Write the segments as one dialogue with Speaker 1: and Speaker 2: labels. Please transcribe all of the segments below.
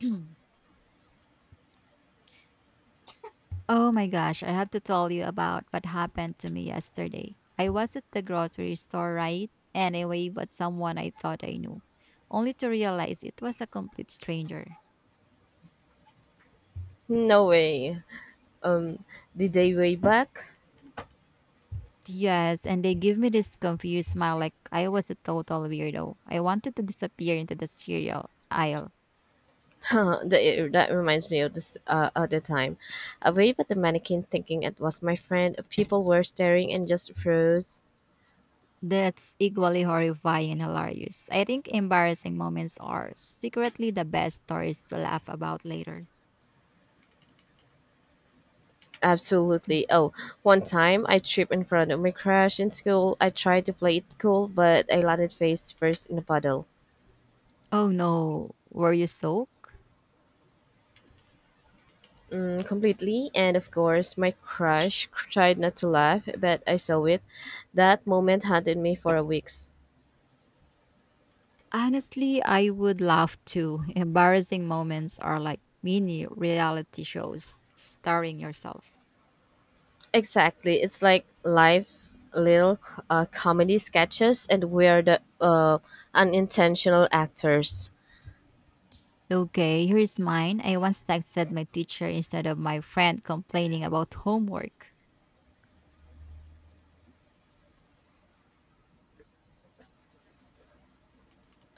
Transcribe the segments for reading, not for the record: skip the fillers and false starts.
Speaker 1: Oh my gosh, I have to tell you about what happened to me yesterday. I was at the grocery store, right? And I waved at someone I thought I knew, only to realize it was a complete stranger.
Speaker 2: No way. Um, the day way back.
Speaker 1: Yes, and they give me this confused smile like I was a total weirdo. I wanted to disappear into the cereal aisle.
Speaker 2: That reminds me of this other time. I waved at the mannequin thinking it was my friend. People were staring and just froze.
Speaker 1: That's equally horrifying and hilarious. I think embarrassing moments are secretly the best stories to laugh about later.
Speaker 2: Absolutely. Oh, one time I tripped in front of my crush in school. I tried to play it cool, but I landed face first in a puddle.
Speaker 1: Oh no, were you soaked?
Speaker 2: Mm, completely. And of course, my crush tried not to laugh, but I saw it. That moment haunted me for a week.
Speaker 1: Honestly, I would laugh too. Embarrassing moments are like mini reality shows starring yourself.
Speaker 2: Exactly. It's like live little comedy sketches, and we're the unintentional actors.
Speaker 1: Okay, here's mine. I once texted my teacher instead of my friend complaining about homework.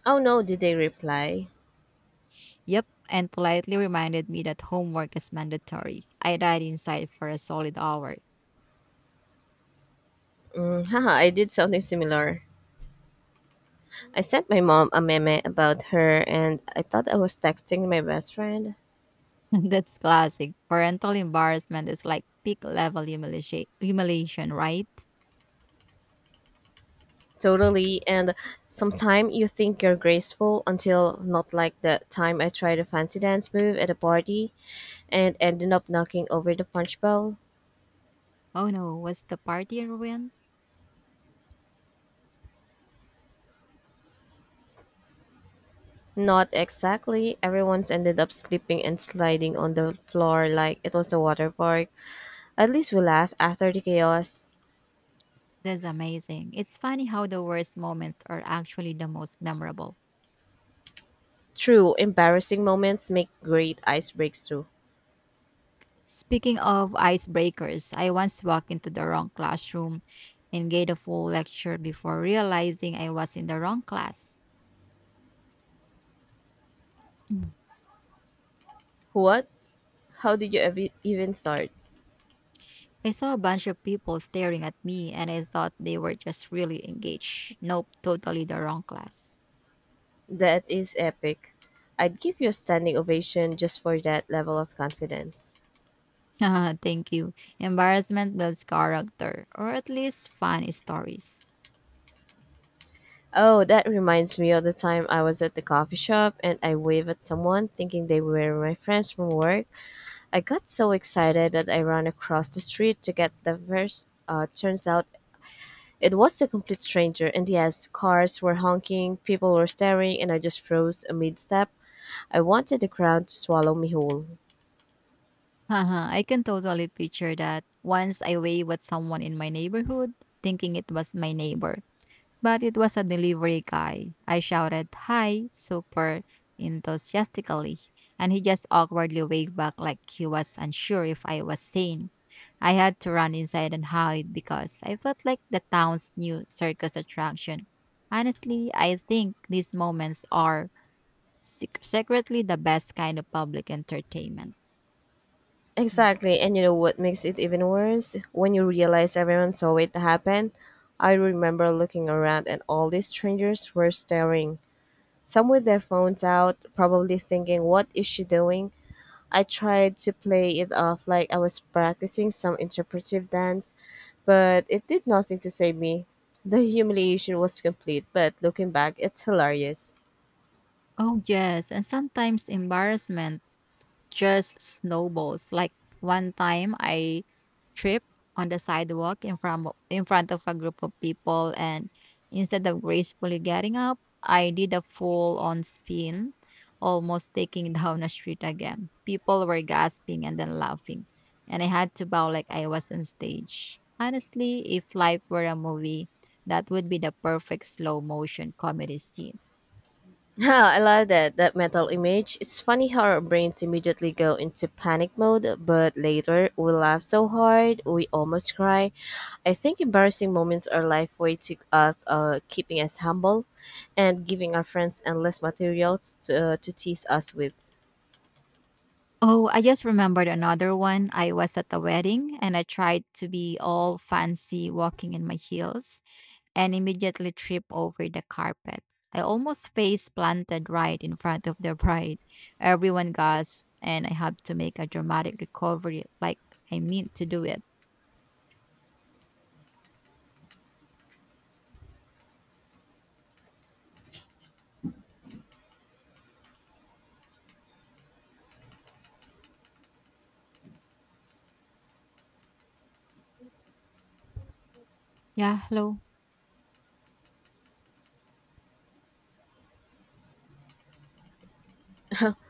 Speaker 2: Oh no, did they reply?
Speaker 1: Yep, and politely reminded me that homework is mandatory. I died inside for a solid hour.
Speaker 2: Mm, haha, I did something similar. I sent my mom a meme about her, and I thought I was texting my best friend.
Speaker 1: That's classic. Parental embarrassment is like peak level humiliation, humiliation, right?
Speaker 2: Totally, and sometime you think you're graceful until not, like the time I tried a fancy dance move at a party and ended up knocking over the punch bowl.
Speaker 1: Oh no, was the party ruined?
Speaker 2: Not exactly. Everyone's ended up slipping and sliding on the floor like it was a water park. At least we laughed after the chaos.
Speaker 1: That's amazing. It's funny how the worst moments are actually the most memorable.
Speaker 2: True, embarrassing moments make great ice breaks too.
Speaker 1: Speaking of icebreakers, I once walked into the wrong classroom and gave a full lecture before realizing I was in the wrong class.
Speaker 2: What? How did you even start?
Speaker 1: I saw a bunch of people staring at me and I thought they were just really engaged. Nope, totally the wrong class.
Speaker 2: That is epic. I'd give you a standing ovation just for that level of confidence.
Speaker 1: Haha, thank you. Embarrassment builds character, or at least fun stories.
Speaker 2: Oh, that reminds me of the time I was at the coffee shop and I waved at someone thinking they were my friends from work. I got so excited that I ran across the street to get the first. Turns out it was a complete stranger, and yes, cars were honking, people were staring, and I just froze amid step. I wanted the crowd to swallow me whole.
Speaker 1: Haha, I can totally picture that. Once I waved at someone in my neighborhood, thinking it was my neighbor, but it was a delivery guy. I shouted, "Hi," super enthusiastically, and he just awkwardly waved back like he was unsure if I was sane. I had to run inside and hide because I felt like the town's new circus attraction. Honestly, I think these moments are secretly the best kind of public entertainment. Mm.
Speaker 2: Exactly, and you know what makes it even worse? When you realize everyone saw it happen. I remember looking around and all these strangers were staring, some with their phones out, probably thinking, "What is she doing?" I tried to play it off like I was practicing some interpretive dance, but it did nothing to save me. The humiliation was complete, but looking back, it's hilarious.
Speaker 1: Oh, yes. And sometimes embarrassment just snowballs. Like one time I tripped on the sidewalk in front of a group of people, and instead of gracefully getting up, I did a full on spin, almost taking down a street again. People were gasping and then laughing. And I had to bow like I was on stage. Honestly, if life were a movie, that would be the perfect slow motion comedy scene.
Speaker 2: Yeah, I love that mental image. It's funny how our brains immediately go into panic mode, but later we laugh so hard, we almost cry. I think embarrassing moments are life way to of keeping us humble and giving our friends endless materials to tease us with.
Speaker 1: Oh, I just remembered another one. I was at a wedding and I tried to be all fancy walking in my heels, and immediately trip over the carpet. I almost face planted right in front of the bride. Everyone gasps, and I have to make a dramatic recovery like I meant to do it. Yeah, hello.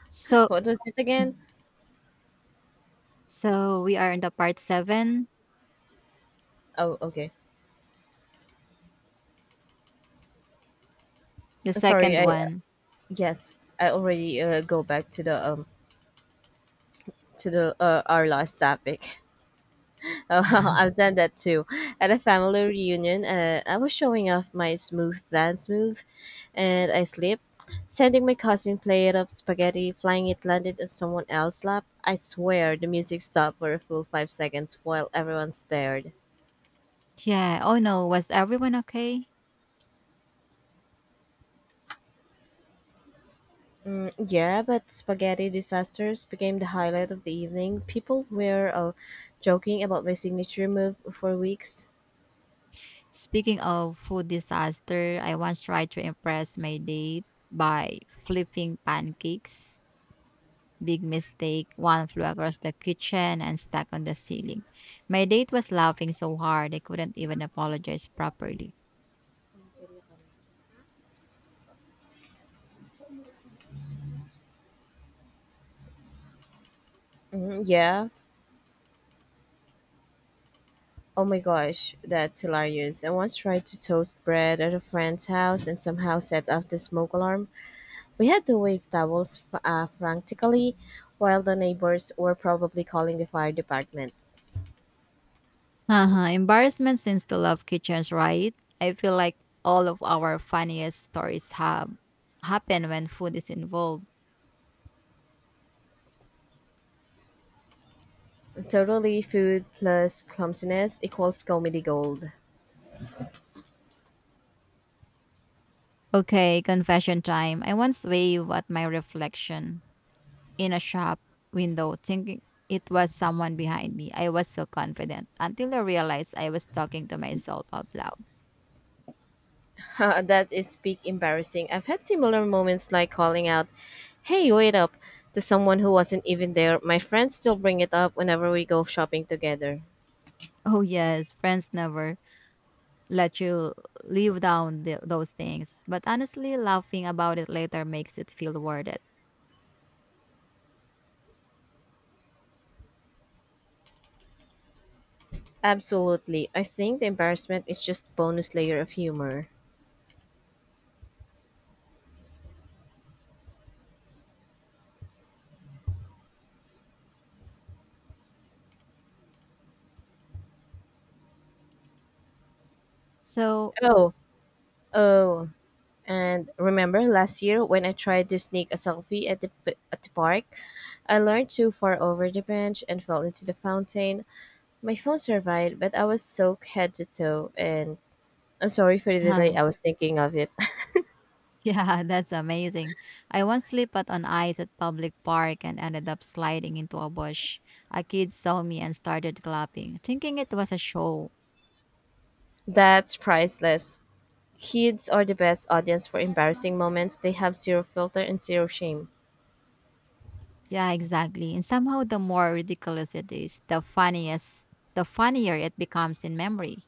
Speaker 1: So,
Speaker 2: What was it again?
Speaker 1: so we are in the part seven,
Speaker 2: Oh, okay.
Speaker 1: the
Speaker 2: Sorry.
Speaker 1: second
Speaker 2: I
Speaker 1: one.
Speaker 2: yes, I already go back to the our last topic. Uh, I've done that too. At a family reunion, I was showing off my smooth dance move, and I slipped, sending my cousin plate of spaghetti flying. It landed on someone else's lap. I swear, the music stopped for a full 5 seconds while everyone stared.
Speaker 1: Yeah. Oh no, was everyone okay?
Speaker 2: Yeah, but spaghetti disasters became the highlight of the evening. People were joking about my signature move for weeks.
Speaker 1: Speaking of food disaster, I once tried to impress my date by flipping pancakes. Big mistake. One flew across the kitchen and stuck on the ceiling. My date was laughing so hard I couldn't even apologize properly.
Speaker 2: Mhm, yeah. Oh my gosh, that's hilarious. I once tried to toast bread at a friend's house and somehow set off the smoke alarm. We had to wave towels frantically while the neighbors were probably calling the fire department.
Speaker 1: Uh-huh. Embarrassment seems to love kitchens, right? I feel like all of our funniest stories have happen when food is involved.
Speaker 2: Totally, food plus clumsiness equals comedy gold.
Speaker 1: Okay, confession time. I once waved at my reflection in a shop window, thinking it was someone behind me. I was so confident until I realized I was talking to myself out loud.
Speaker 2: That is peak embarrassing. I've had similar moments, like calling out, "Hey, wait up," to someone who wasn't even there. My friends still bring it up whenever we go shopping together.
Speaker 1: Oh, yes, friends never let you live down those things. But honestly, laughing about it later makes it feel worth it.
Speaker 2: Absolutely. I think the embarrassment is just bonus layer of humor.
Speaker 1: So,
Speaker 2: Oh, oh, and remember last year when I tried to sneak a selfie at the at the park? I leaned too far over the bench and fell into the fountain. My phone survived, but I was soaked head to toe, and I'm sorry for the delay. I was thinking of it.
Speaker 1: yeah, that's amazing. I once slipped out on ice at public park and ended up sliding into a bush. A kid saw me and started clapping, thinking it was a show.
Speaker 2: That's priceless. Kids are the best audience for embarrassing moments. They have zero filter and zero shame.
Speaker 1: Yeah, exactly. And somehow the more ridiculous it is, the funnier it becomes in memory.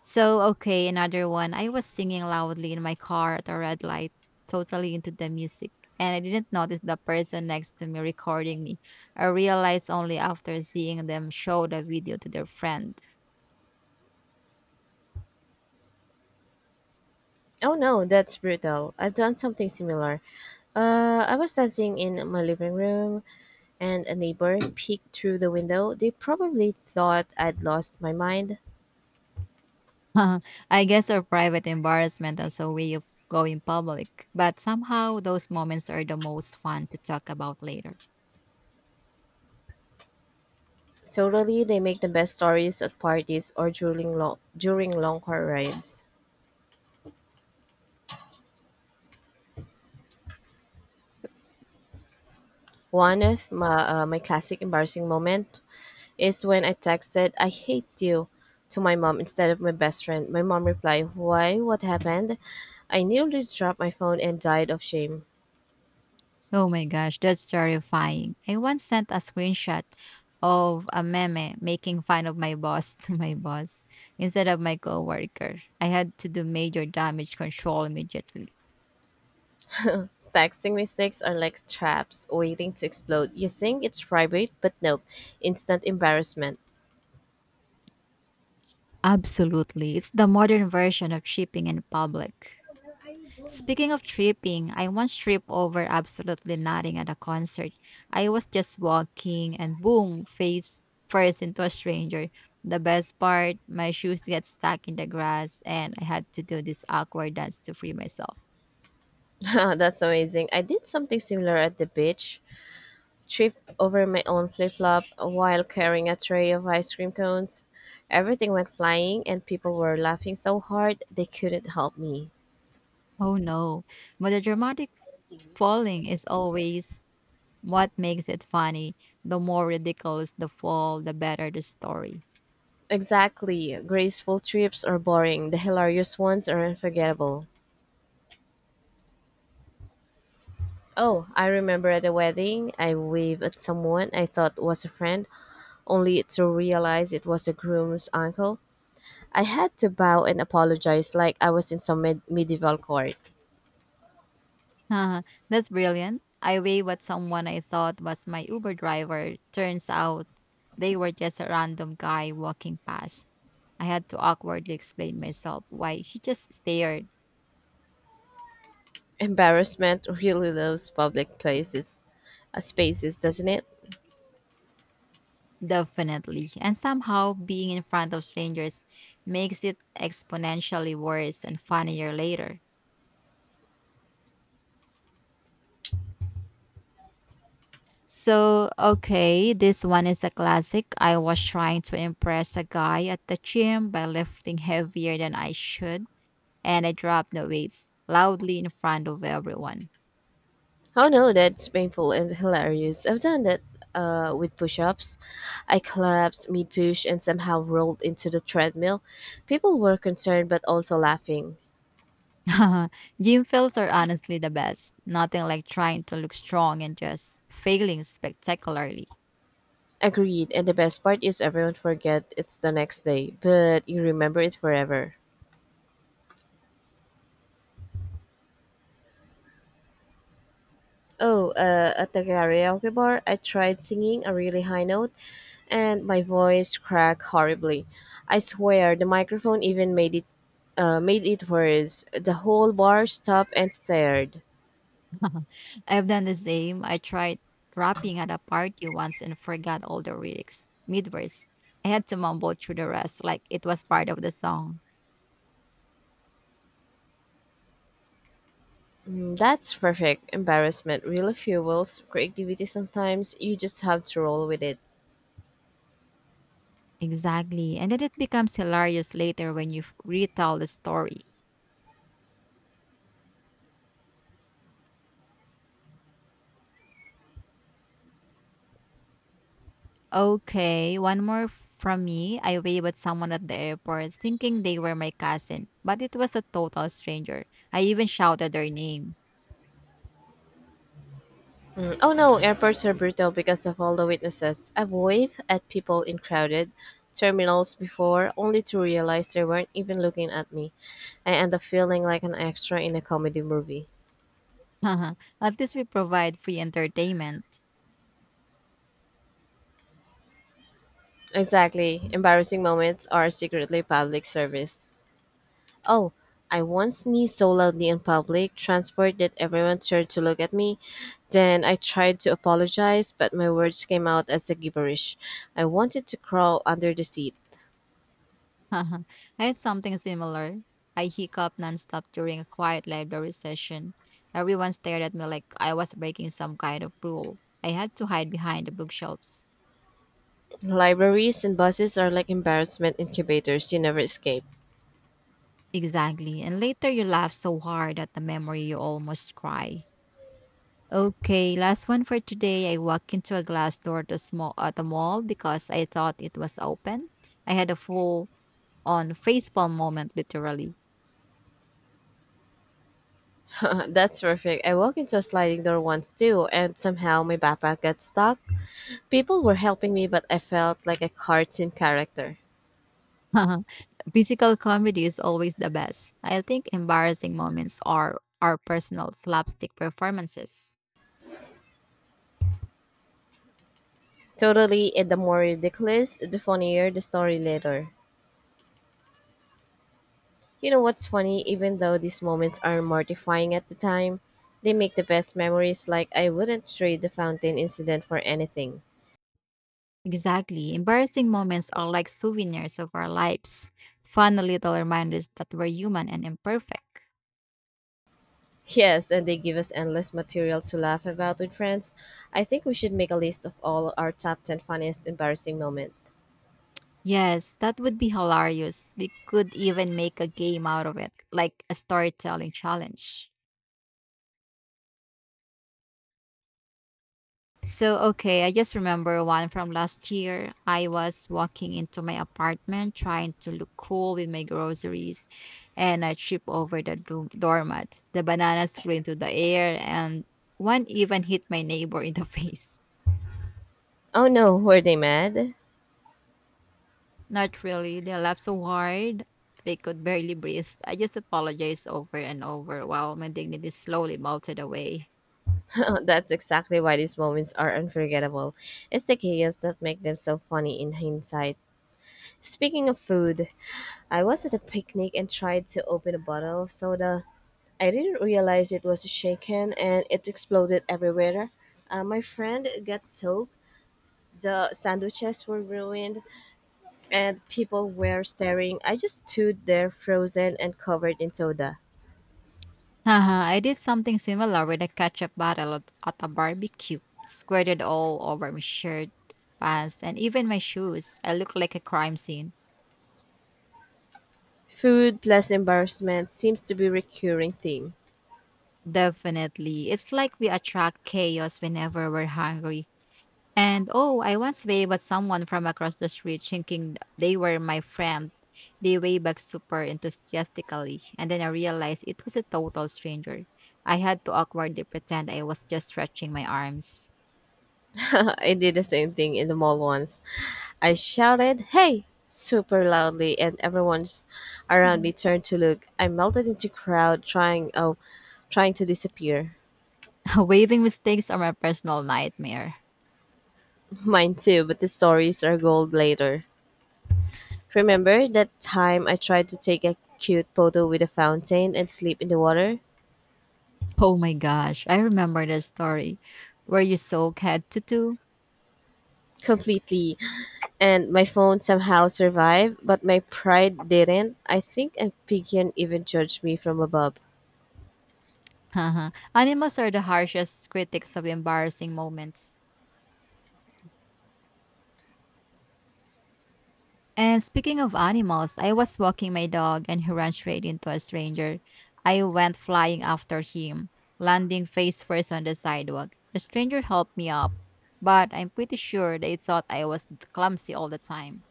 Speaker 1: So, okay, another one. I was singing loudly in my car at a red light, totally into the music, and I didn't notice the person next to me recording me. I realized only after seeing them show the video to their friend.
Speaker 2: Oh no, that's brutal. I've done something similar. I was dancing in my living room and a neighbor peeked through the window. They probably thought I'd lost my mind.
Speaker 1: I guess our private embarrassment as a way of going public, but somehow those moments are the most fun to talk about later.
Speaker 2: Totally, they make the best stories at parties or during long car rides. One of my classic embarrassing moment is when I texted, "I hate you," to my mom instead of my best friend. My mom replied, "Why? What happened?" I nearly dropped my phone and died of shame.
Speaker 1: So, oh my gosh, that's terrifying. I once sent a screenshot of a meme making fun of my boss to my boss instead of my coworker. I had to do major damage control immediately.
Speaker 2: Texting mistakes are like traps waiting to explode. You think it's private, but nope, instant embarrassment.
Speaker 1: Absolutely. It's the modern version of shipping in public. Speaking of tripping, I once tripped over absolutely nothing at a concert. I was just walking and boom, face first into a stranger. The best part, my shoes get stuck in the grass and I had to do this awkward dance to free myself.
Speaker 2: That's amazing. I did something similar at the beach. Tripped over my own flip flop while carrying a tray of ice cream cones. Everything went flying, and people were laughing so hard they couldn't help me.
Speaker 1: Oh no. But the dramatic falling is always what makes it funny. The more ridiculous the fall, the better the story.
Speaker 2: Exactly. Graceful trips are boring. The hilarious ones are unforgettable. Oh, I remember at a wedding, I waved at someone I thought was a friend, only to realize it was the groom's uncle. I had to bow and apologize like I was in some medieval court.
Speaker 1: That's brilliant. I weigh what someone I thought was my Uber driver. Turns out they were just a random guy walking past. I had to awkwardly explain myself why he just stared.
Speaker 2: Embarrassment really loves public spaces, doesn't it?
Speaker 1: Definitely. And somehow being in front of strangers makes it exponentially worse and funnier later. So, okay, this one is a classic. I was trying to impress a guy at the gym by lifting heavier than I should, and I dropped the weights loudly in front of everyone.
Speaker 2: Oh no, that's painful and hilarious. I've done that with push ups. I collapsed mid push and somehow rolled into the treadmill. People were concerned but also laughing.
Speaker 1: Gym fails are honestly the best. Nothing like trying to look strong and just failing spectacularly.
Speaker 2: Agreed, and the best part is everyone forget it's the next day, but you remember it forever. Oh, at the karaoke bar, I tried singing a really high note and my voice cracked horribly. I swear the microphone even made it worse. The whole bar stopped and stared.
Speaker 1: I've done the same. I tried rapping at a party once and forgot all the lyrics. Midverse. I had to mumble through the rest like it was part of the song.
Speaker 2: Mm, that's perfect. Embarrassment really fuels creativity sometimes. You just have to roll with it.
Speaker 1: Exactly. And then it becomes hilarious later when you retell the story. Okay, one more from me. I waved at someone at the airport thinking they were my cousin, but it was a total stranger. I even shouted their name.
Speaker 2: Mm, oh no, airports are brutal because of all the witnesses. I've waved at people in crowded terminals before only to realize they weren't even looking at me. I end up feeling like an extra in a comedy movie.
Speaker 1: Haha, at least we provide free entertainment.
Speaker 2: Exactly. Embarrassing moments are secretly public service. Oh, I once sneezed so loudly in public transport that everyone turned to look at me. Then I tried to apologize, but my words came out as a gibberish. I wanted to crawl under the seat.
Speaker 1: Haha, I had something similar. I hiccuped nonstop during a quiet library session. Everyone stared at me like I was breaking some kind of rule. I had to hide behind the bookshelves.
Speaker 2: Libraries and buses are like embarrassment incubators you never escape.
Speaker 1: Exactly. And later you laugh so hard at the memory you almost cry. Okay, last one for today. I walked into a glass door to small at the mall because I thought it was open. I had a full on facepalm moment literally.
Speaker 2: That's perfect. I walked into a sliding door once too, and somehow my backpack got stuck. People were helping me, but I felt like a cartoon character.
Speaker 1: Physical comedy is always the best. I think embarrassing moments are our personal slapstick performances.
Speaker 2: Totally, and the more ridiculous, the funnier the story later. You know what's funny? Even though these moments are mortifying at the time, they make the best memories. Like, I wouldn't trade the fountain incident for anything.
Speaker 1: Exactly. Embarrassing moments are like souvenirs of our lives, fun little reminders that we're human and imperfect.
Speaker 2: Yes, and they give us endless material to laugh about with friends. I think we should make a list of all our top 10 funniest embarrassing moments.
Speaker 1: Yes, that would be hilarious. We could even make a game out of it, like a storytelling challenge. So, okay, I just remember one from last year. I was walking into my apartment trying to look cool with my groceries, and I tripped over the doormat. The bananas flew into the air, and one even hit my neighbor in the face.
Speaker 2: Oh no, were they mad?
Speaker 1: Not really. They laughed so hard they could barely breathe. I just apologized over and over while my dignity slowly melted away.
Speaker 2: That's exactly why these moments are unforgettable. It's the chaos that make them so funny in hindsight. Speaking of food, I was at a picnic and tried to open a bottle of soda. I didn't realize it was shaken and it exploded everywhere. My friend got soaked, the sandwiches were ruined, and people were staring. I just stood there frozen and covered in soda.
Speaker 1: Haha, I did something similar with a ketchup bottle at a barbecue, squirted all over my shirt, pants, and even my shoes. I look like a crime scene.
Speaker 2: Food plus embarrassment seems to be a recurring theme.
Speaker 1: Definitely. It's like we attract chaos whenever we're hungry. And oh, I once waved at someone from across the street thinking they were my friend. They waved back super enthusiastically, and then I realized it was a total stranger. I had to awkwardly pretend I was just stretching my arms.
Speaker 2: I did the same thing in the mall once. I shouted, "Hey!" super loudly, and everyone around me turned to look. I melted into crowd trying to disappear.
Speaker 1: Waving mistakes are my personal nightmare.
Speaker 2: Mine too, but the stories are gold later. Remember that time I tried to take a cute photo with a fountain and slip in the water?
Speaker 1: Oh my gosh, I remember the story. Were you so cat tutu?
Speaker 2: Completely. And my phone somehow survived, but my pride didn't. I think a pigeon even judged me from above.
Speaker 1: Haha. Animals are the harshest critics of embarrassing moments. And speaking of animals, I was walking my dog and he ran straight into a stranger. I went flying after him, landing face first on the sidewalk. The stranger helped me up, but I'm pretty sure they thought I was clumsy all the time.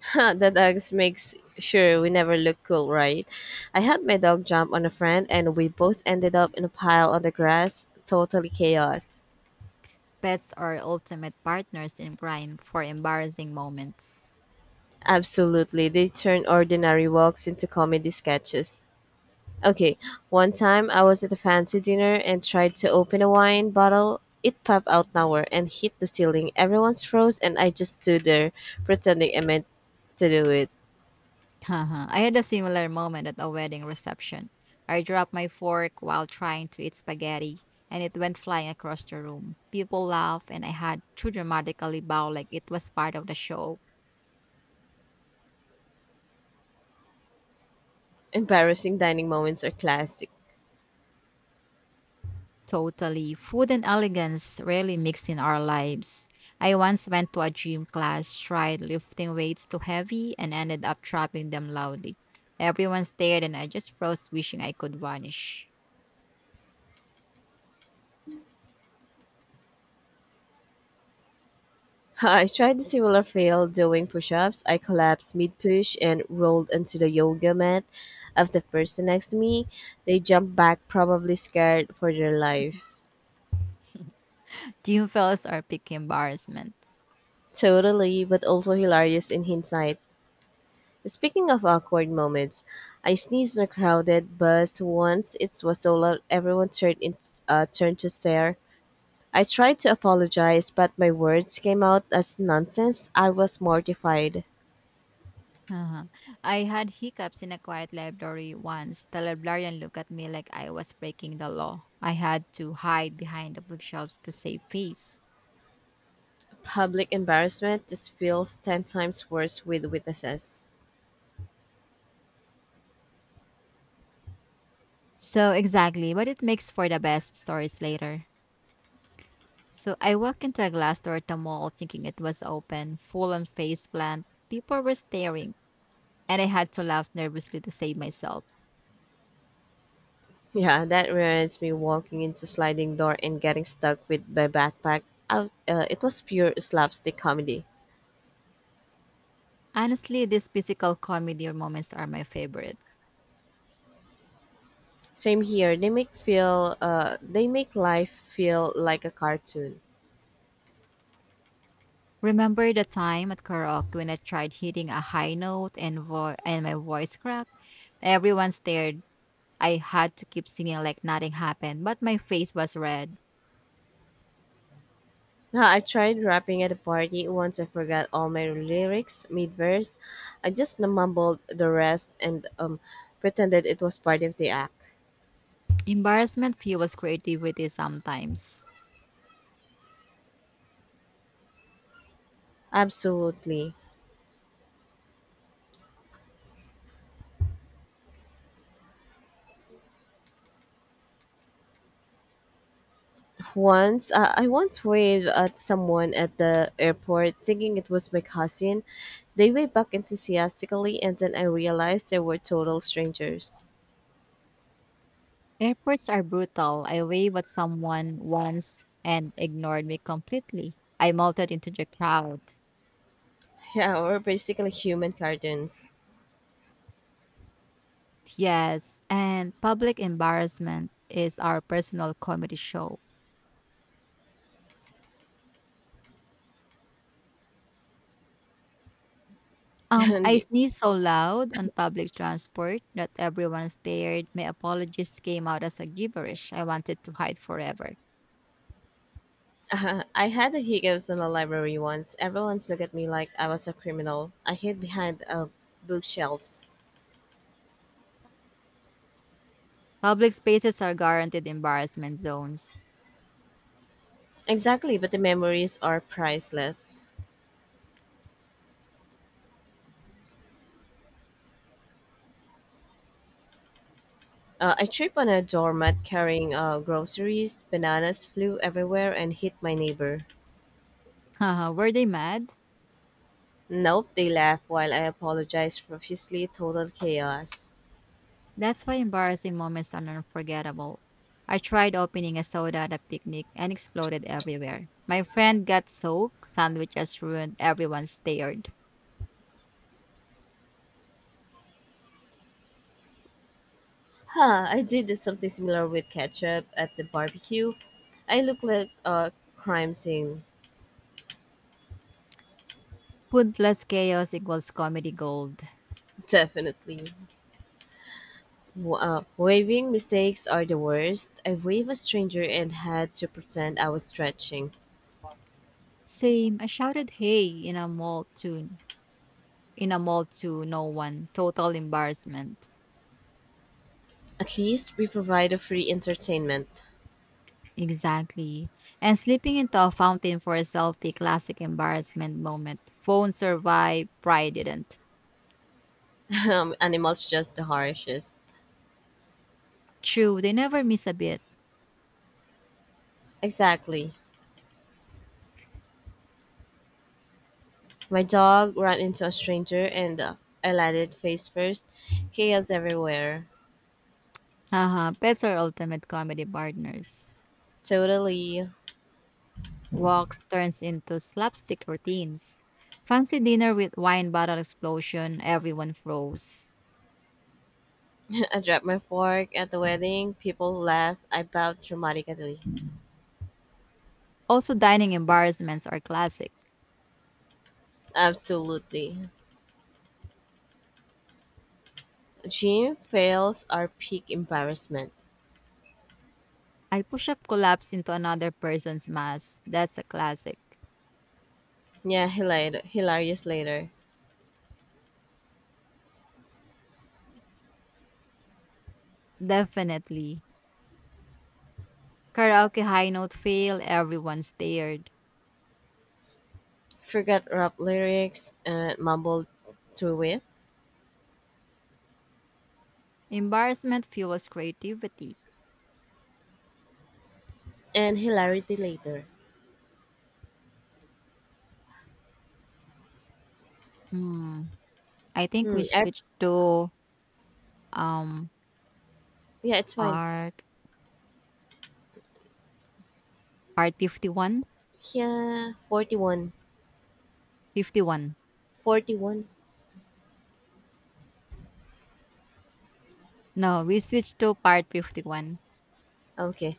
Speaker 2: The dogs makes sure we never look cool, right? I had my dog jump on a friend and we both ended up in a pile on the grass. Totally chaos.
Speaker 1: Pets are ultimate partners in crime for embarrassing moments.
Speaker 2: Absolutely. They turn ordinary walks into comedy sketches. Okay, one time I was at a fancy dinner and tried to open a wine bottle. It popped out nowhere and hit the ceiling. Everyone's froze, and I just stood there pretending I meant to do it.
Speaker 1: Haha. I had a similar moment at a wedding reception. I dropped my fork while trying to eat spaghetti, and it went flying across the room. People laughed, and I had to dramatically bow like it was part of the show.
Speaker 2: Embarrassing dining moments are classic.
Speaker 1: Totally. Food and elegance rarely mix in our lives. I once went to a gym class, tried lifting weights too heavy, and ended up dropping them loudly. Everyone stared, and I just froze, wishing I could vanish.
Speaker 2: I tried a similar fail doing push ups. I collapsed mid push and rolled onto the yoga mat of the person next to me. They jumped back, probably scared for their life.
Speaker 1: Gym fails are peak embarrassment.
Speaker 2: Totally, but also hilarious in hindsight. Speaking of awkward moments, I sneezed in a crowded bus once. It was so loud everyone turned to stare. I tried to apologize, but my words came out as nonsense. I was mortified.
Speaker 1: Uh-huh. I had hiccups in a quiet library once. The librarian looked at me like I was breaking the law. I had to hide behind the bookshelves to save face.
Speaker 2: Public embarrassment just feels 10 times worse with witnesses.
Speaker 1: So exactly, but it makes for the best stories later. So I walked into a glass door at the mall thinking it was open, full on face plant. People were staring, and I had to laugh nervously to save myself.
Speaker 2: Yeah, that reminds me walking into sliding door and getting stuck with my backpack. It was pure slapstick comedy.
Speaker 1: Honestly, these physical comedy moments are my favorite.
Speaker 2: Same here. They make life feel like a cartoon.
Speaker 1: Remember the time at karaoke when I tried hitting a high note and my voice cracked? Everyone stared. I had to keep singing like nothing happened, but my face was red.
Speaker 2: I tried rapping at a party once. I forgot all my lyrics mid verse. I just mumbled the rest and pretended it was part of the act.
Speaker 1: Embarrassment fuels creativity sometimes.
Speaker 2: Absolutely. Once I once waved at someone at the airport, thinking it was my cousin. They waved back enthusiastically, and then I realized they were total strangers.
Speaker 1: Airports are brutal. I waved at someone once and ignored me completely. I melted into the crowd.
Speaker 2: Yeah, we're basically human cartoons.
Speaker 1: Yes, and public embarrassment is our personal comedy show.
Speaker 2: And
Speaker 1: I sneezed so loud on public transport that everyone stared. My apologies came out as a gibberish I wanted to hide forever.
Speaker 2: I had the hiccups in the library once. Everyone's looked at me like I was a criminal. I hid behind bookshelves.
Speaker 1: Public spaces are guaranteed embarrassment zones.
Speaker 2: Exactly, but the memories are priceless. I tripped on a doormat carrying groceries. Bananas flew everywhere and hit my neighbor.
Speaker 1: Haha, were they mad?
Speaker 2: Nope, they laughed while I apologized profusely. Total chaos.
Speaker 1: That's why embarrassing moments are unforgettable. I tried opening a soda at a picnic and exploded everywhere. My friend got soaked, sandwiches ruined, everyone stared.
Speaker 2: Huh, I did this something similar with ketchup at the barbecue. I look like a crime scene,
Speaker 1: Food plus chaos equals comedy gold.
Speaker 2: definitely. Waving mistakes are the worst. I waved a stranger and had to pretend I was stretching.
Speaker 1: Same, I shouted hey in a mall too in a mall to no one. Total embarrassment.
Speaker 2: At least we provide a free entertainment.
Speaker 1: Exactly. And slipping into a fountain for a selfie, classic embarrassment moment. Phone survived, pride didn't.
Speaker 2: Animals just the harshest.
Speaker 1: True, they never miss a bit.
Speaker 2: Exactly. My dog ran into a stranger and I landed face first. Chaos everywhere.
Speaker 1: Haha, pets are ultimate comedy partners.
Speaker 2: Totally.
Speaker 1: Walks turns into slapstick routines. Fancy dinner with wine bottle explosion, everyone froze.
Speaker 2: I dropped my fork at the wedding. People laughed. I bowed dramatically.
Speaker 1: Also, dining embarrassments are classic.
Speaker 2: Absolutely. Jim fails our peak embarrassment.
Speaker 1: I push up collapse into another person's mask. That's a classic.
Speaker 2: Yeah, hilarious, hilarious later.
Speaker 1: Definitely. Karaoke high note fail, everyone stared.
Speaker 2: Forgot rap lyrics and mumbled through it.
Speaker 1: Embarrassment fuels creativity.
Speaker 2: And hilarity later.
Speaker 1: Hmm. I think we
Speaker 2: Hmm.
Speaker 1: switch to um
Speaker 2: Yeah, it's fine.
Speaker 1: part part 51.
Speaker 2: Yeah, 41.
Speaker 1: 51.
Speaker 2: 41.
Speaker 1: No, we switch to part 51.
Speaker 2: Okay.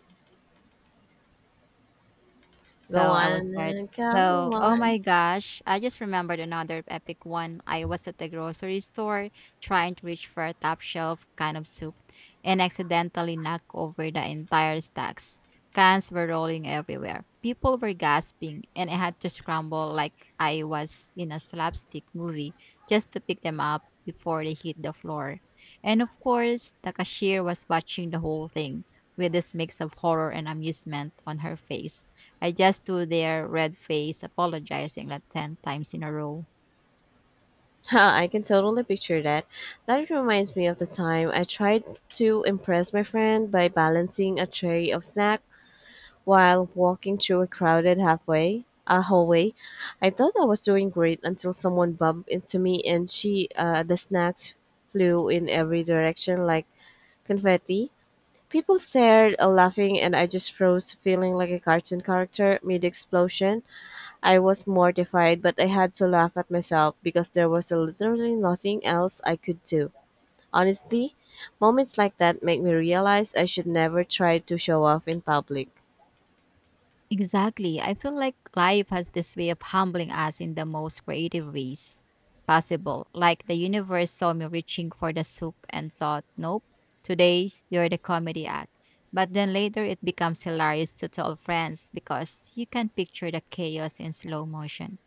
Speaker 1: So
Speaker 2: Go
Speaker 1: I will start.
Speaker 2: on. Go
Speaker 1: So, oh my
Speaker 2: on.
Speaker 1: gosh, I just remembered another epic one. I was at the grocery store trying to reach for a top shelf kind of soup and accidentally knocked over the entire stacks. Cans were rolling everywhere. People were gasping, and I had to scramble like I was in a slapstick movie just to pick them up before they hit the floor. And of course, the cashier was watching the whole thing with this mix of horror and amusement on her face. I just stood there, red face, apologizing like 10 times in a row.
Speaker 2: Huh, I can totally picture that. That reminds me of the time I tried to impress my friend by balancing a tray of snack while walking through a crowded hallway, I thought I was doing great until someone bumped into me and she the snacks flew in every direction like confetti. People stared, laughing, and I just froze, feeling like a cartoon character mid explosion. I was mortified, but I had to laugh at myself because there was literally nothing else I could do. Honestly, moments like that make me realize I should never try to show off in public.
Speaker 1: Exactly. I feel like life has this way of humbling us in the most creative ways possible. Like the universe saw me reaching for the soup and thought, nope, today you're the comedy act. But then later it becomes hilarious to tell friends because you can picture the chaos in slow motion.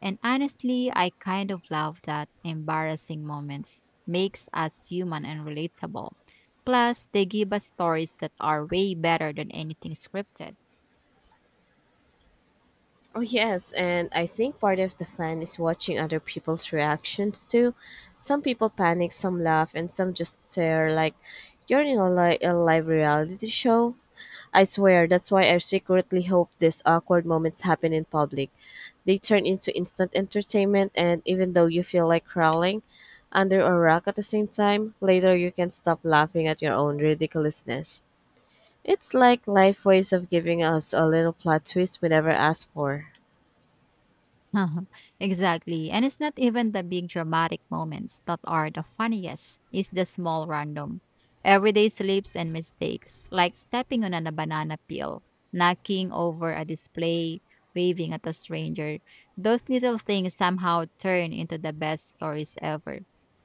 Speaker 1: And honestly, I kind of love that embarrassing moments makes us human and relatable. Plus, they give us stories that are way better than anything scripted.
Speaker 2: Oh yes, and I think part of the fun is watching other people's reactions too. Some people panic, some laugh, and some just stare like you're in a live reality show. I swear, that's why I secretly hope these awkward moments happen in public. They turn into instant entertainment, and even though you feel like crawling under a rock at the same time, later you can stop laughing at your own ridiculousness. It's like life ways of giving us a little plot twist we never asked for.
Speaker 1: Uh-huh. Exactly. And it's not even the big dramatic moments that are the funniest, it's the small random, everyday slips and mistakes, like stepping on a banana peel, knocking over a display, waving at a stranger. Those little things somehow turn into the best stories ever.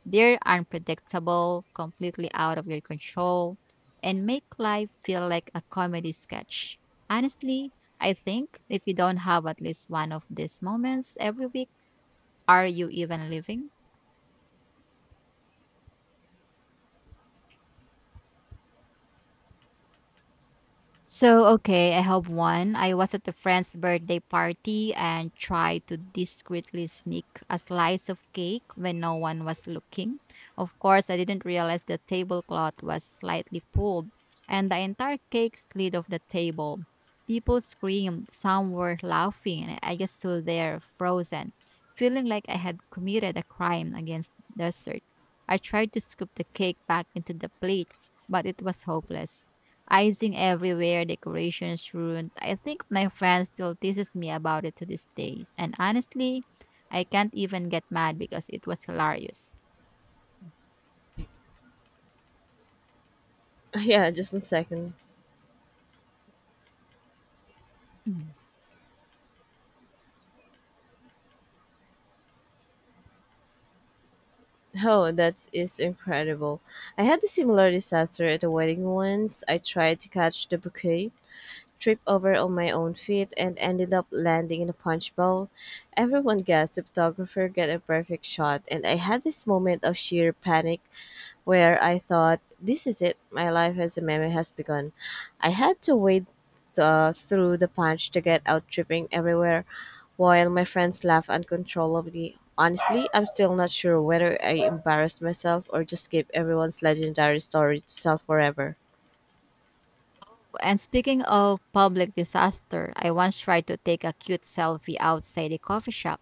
Speaker 1: They're unpredictable, completely out of your control, and make life feel like a comedy sketch. Honestly, I think if you don't have at least one of these moments every week, are you even living? So, okay, I have one. I was at a friend's birthday party and tried to discreetly sneak a slice of cake when no one was looking. Of course, I didn't realize the tablecloth was slightly pulled and the entire cake slid off the table. People screamed, some were laughing, and I just stood there frozen, feeling like I had committed a crime against dessert. I tried to scoop the cake back into the plate, but it was hopeless, icing everywhere, decorations ruined. I think my friend still teases me about it to this day. And honestly, I can't even get mad because it was hilarious.
Speaker 2: Yeah, just one second. Oh, that is incredible. I had a similar disaster at a wedding once. I tried to catch the bouquet, tripped over on my own feet, and ended up landing in a punch bowl. Everyone guessed the photographer got a perfect shot, and I had this moment of sheer panic where I thought, this is it, my life as a meme has begun. I had to wade through the punch to get out tripping everywhere while my friends laugh uncontrollably. Honestly, I'm still not sure whether I embarrassed myself or just gave everyone's legendary story to tell forever.
Speaker 1: And speaking of public disaster, I once tried to take a cute selfie outside a coffee shop.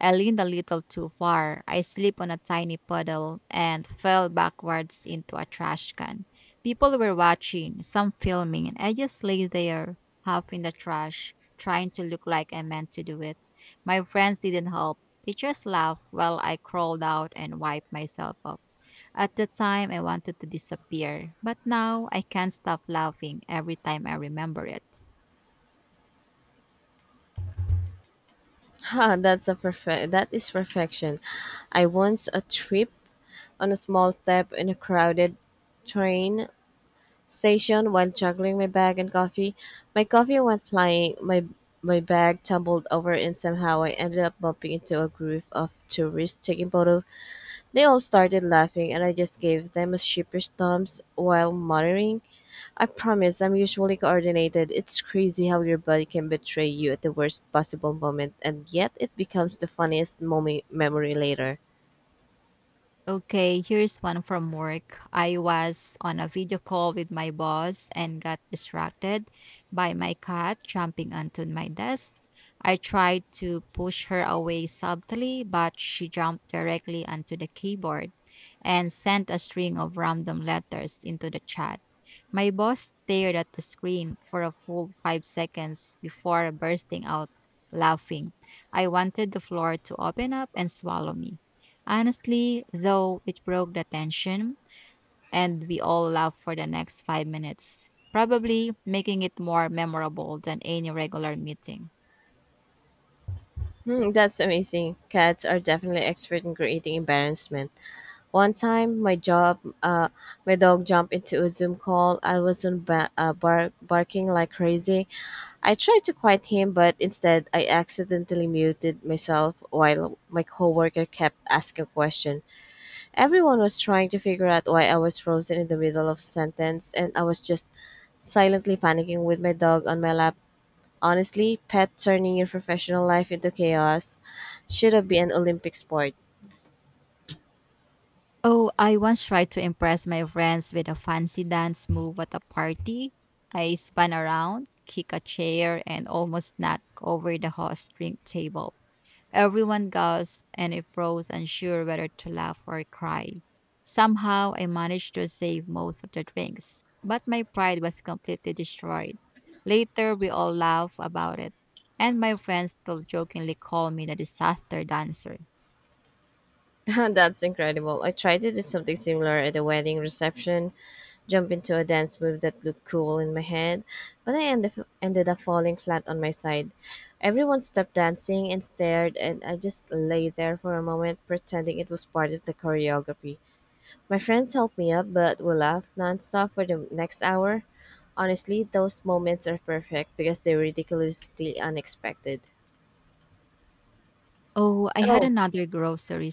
Speaker 1: I leaned a little too far. I slipped on a tiny puddle and fell backwards into a trash can. People were watching, some filming, and I just lay there, half in the trash, trying to look like I meant to do it. My friends didn't help. Teachers laughed while I crawled out and wiped myself up. At the time, I wanted to disappear, but now I can't stop laughing every time I remember it.
Speaker 2: Ha, that's a perfect. That is perfection. I once a trip on a small step in a crowded train station while juggling my bag and coffee. My coffee went flying, my bag tumbled over and somehow I ended up bumping into a group of tourists taking photos. They all started laughing and I just gave them a sheepish thumbs while muttering, I promise I'm usually coordinated. It's crazy how your body can betray you at the worst possible moment and yet it becomes the funniest moment memory later.
Speaker 1: Okay, here's one from work. I was on a video call with my boss and got distracted by my cat jumping onto my desk. I tried to push her away subtly, but she jumped directly onto the keyboard and sent a string of random letters into the chat. My boss stared at the screen for a full 5 seconds before bursting out laughing. I wanted the floor to open up and swallow me. Honestly, though, it broke the tension, and we all laughed for the next 5 minutes, probably making it more memorable than any regular meeting.
Speaker 2: Hmm, that's amazing. Cats are definitely expert in creating embarrassment. One time, uh, my dog jumped into a Zoom call. I was on barking like crazy. I tried to quiet him, but instead, I accidentally muted myself while my coworker kept asking questions. Everyone was trying to figure out why I was frozen in the middle of a sentence, and I was just silently panicking with my dog on my lap. Honestly, pet turning your professional life into chaos should have been an Olympic sport.
Speaker 1: Oh, I once tried to impress my friends with a fancy dance move at a party. I spun around, kicked a chair, and almost knocked over the host drink table. Everyone gasped and I froze, unsure whether to laugh or cry. Somehow I managed to save most of the drinks, but my pride was completely destroyed. Later, we all laughed about it, and my friends still jokingly call me the disaster dancer.
Speaker 2: That's incredible. I tried to do something similar at a wedding reception, jump into a dance move that looked cool in my head, but I end ended up falling flat on my side. Everyone stopped dancing and stared, and I just lay there for a moment, pretending it was part of the choreography. My friends helped me up, but we laughed nonstop for the next hour. Honestly, those moments are perfect because they're ridiculously unexpected.
Speaker 1: Oh, I had
Speaker 2: Oh,
Speaker 1: another grocery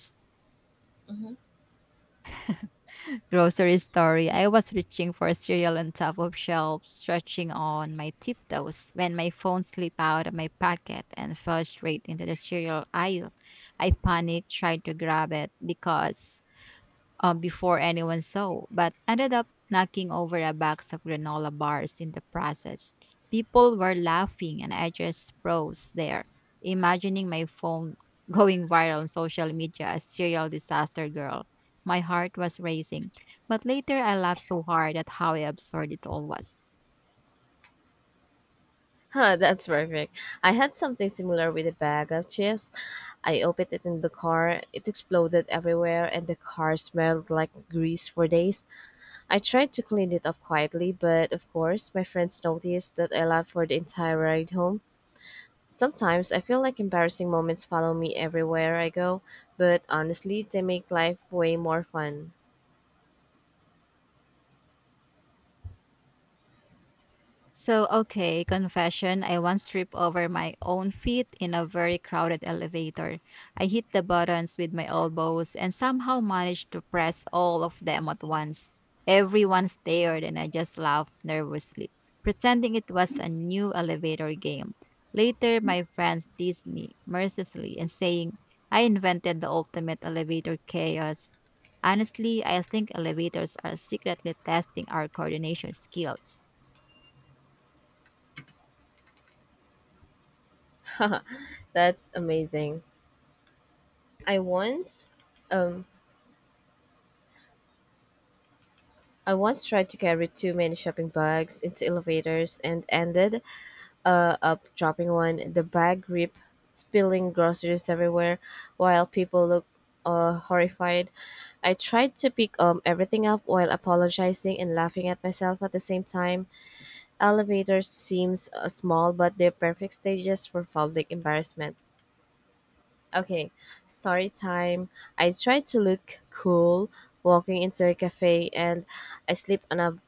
Speaker 1: grocery store, I was reaching for cereal on top of shelves, stretching on my tiptoes when my phone slipped out of my pocket and fell straight into the cereal aisle. I panicked, tried to grab it because before anyone saw, but ended up knocking over a box of granola bars in the process. People were laughing, and I just froze there, imagining my phone going viral on social media as serial disaster girl. My heart was racing, but later I laughed so hard at how absurd it all was.
Speaker 2: huh, that's perfect. I had something similar with a bag of chips. I opened it in the car. It exploded everywhere, and the car smelled like grease for days. I tried to clean it up quietly, but of course, my friends noticed that I laughed for the entire ride home. Sometimes I feel like embarrassing moments follow me everywhere I go, but honestly, they make life way more fun.
Speaker 1: So, okay, confession. I once tripped over my own feet in a very crowded elevator. I hit the buttons with my elbows and somehow managed to press all of them at once. Everyone stared and I just laughed nervously, pretending it was a new elevator game. Later, my friends teased me mercilessly and saying I invented the ultimate elevator chaos. Honestly, I think elevators are secretly testing our coordination skills.
Speaker 2: That's amazing. I once um I once tried to carry too many shopping bags into elevators and ended up dropping one. The bag ripped, spilling groceries everywhere, while people looked horrified. I tried to pick everything up while apologizing and laughing at myself at the same time. Elevators seems small, but they're perfect stages for public embarrassment. Okay, story time. I tried to look cool walking into a cafe and I slipped on a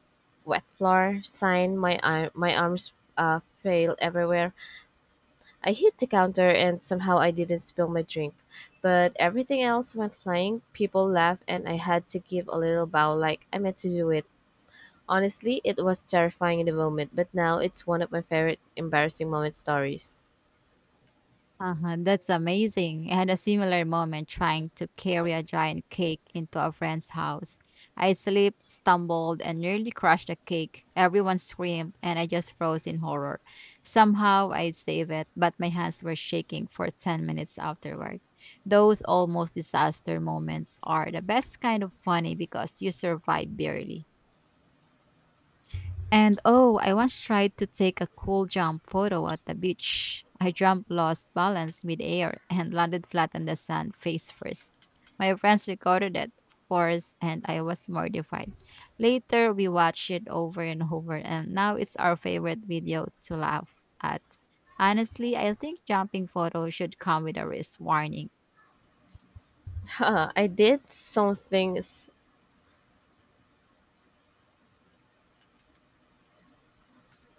Speaker 2: wet floor. Sign. My arm. My arms flail everywhere. I hit the counter and somehow I didn't spill my drink, but everything else went flying. People laughed and I had to give a little bow like I meant to do it. Honestly, it was terrifying in the moment, but now it's one of my favorite embarrassing moment stories.
Speaker 1: Uh-huh, that's amazing. I had a similar moment trying to carry a giant cake into a friend's house. I slipped, stumbled, and nearly crushed the cake. Everyone screamed, and I just froze in horror. Somehow I saved it, but my hands were shaking for 10 minutes afterward. Those almost disaster moments are the best kind of funny because you survive barely. And oh, I once tried to take a cool jump photo at the beach. I jumped, lost balance midair, and landed flat on the sand face first. My friends recorded it, of course, and I was mortified. Later, we watched it over and over, and now it's our favorite video to laugh at. Honestly, I think jumping photos should come with a risk warning.
Speaker 2: Huh, I did something. S-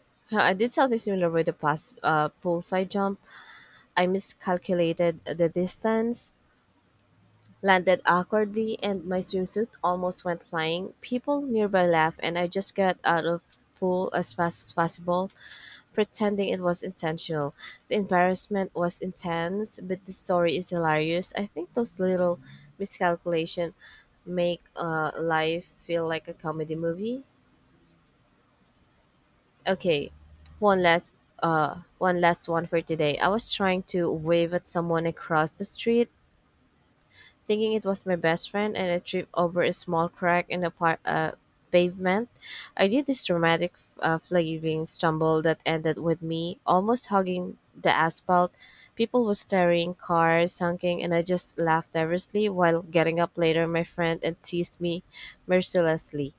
Speaker 2: huh, I did something similar with the past poolside jump. I miscalculated the distance. Landed awkwardly and my swimsuit almost went flying. People nearby laughed and I just got out of pool as fast as possible, pretending it was intentional. The embarrassment was intense, but the story is hilarious. I think those little miscalculation make life feel like a comedy movie. Okay, one last one last one for today. I was trying to wave at someone across the street thinking it was my best friend and I tripped over a small crack in the pavement, I did this dramatic flailing stumble that ended with me almost hugging the asphalt. People were staring, cars honking, and I just laughed nervously while getting up later. My friend and teased me mercilessly.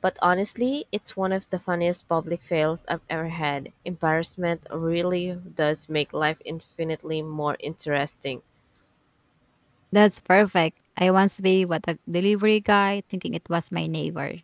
Speaker 2: But honestly, it's one of the funniest public fails I've ever had. Embarrassment really does make life infinitely more interesting.
Speaker 1: That's perfect. I once be with a delivery guy thinking it was my neighbor.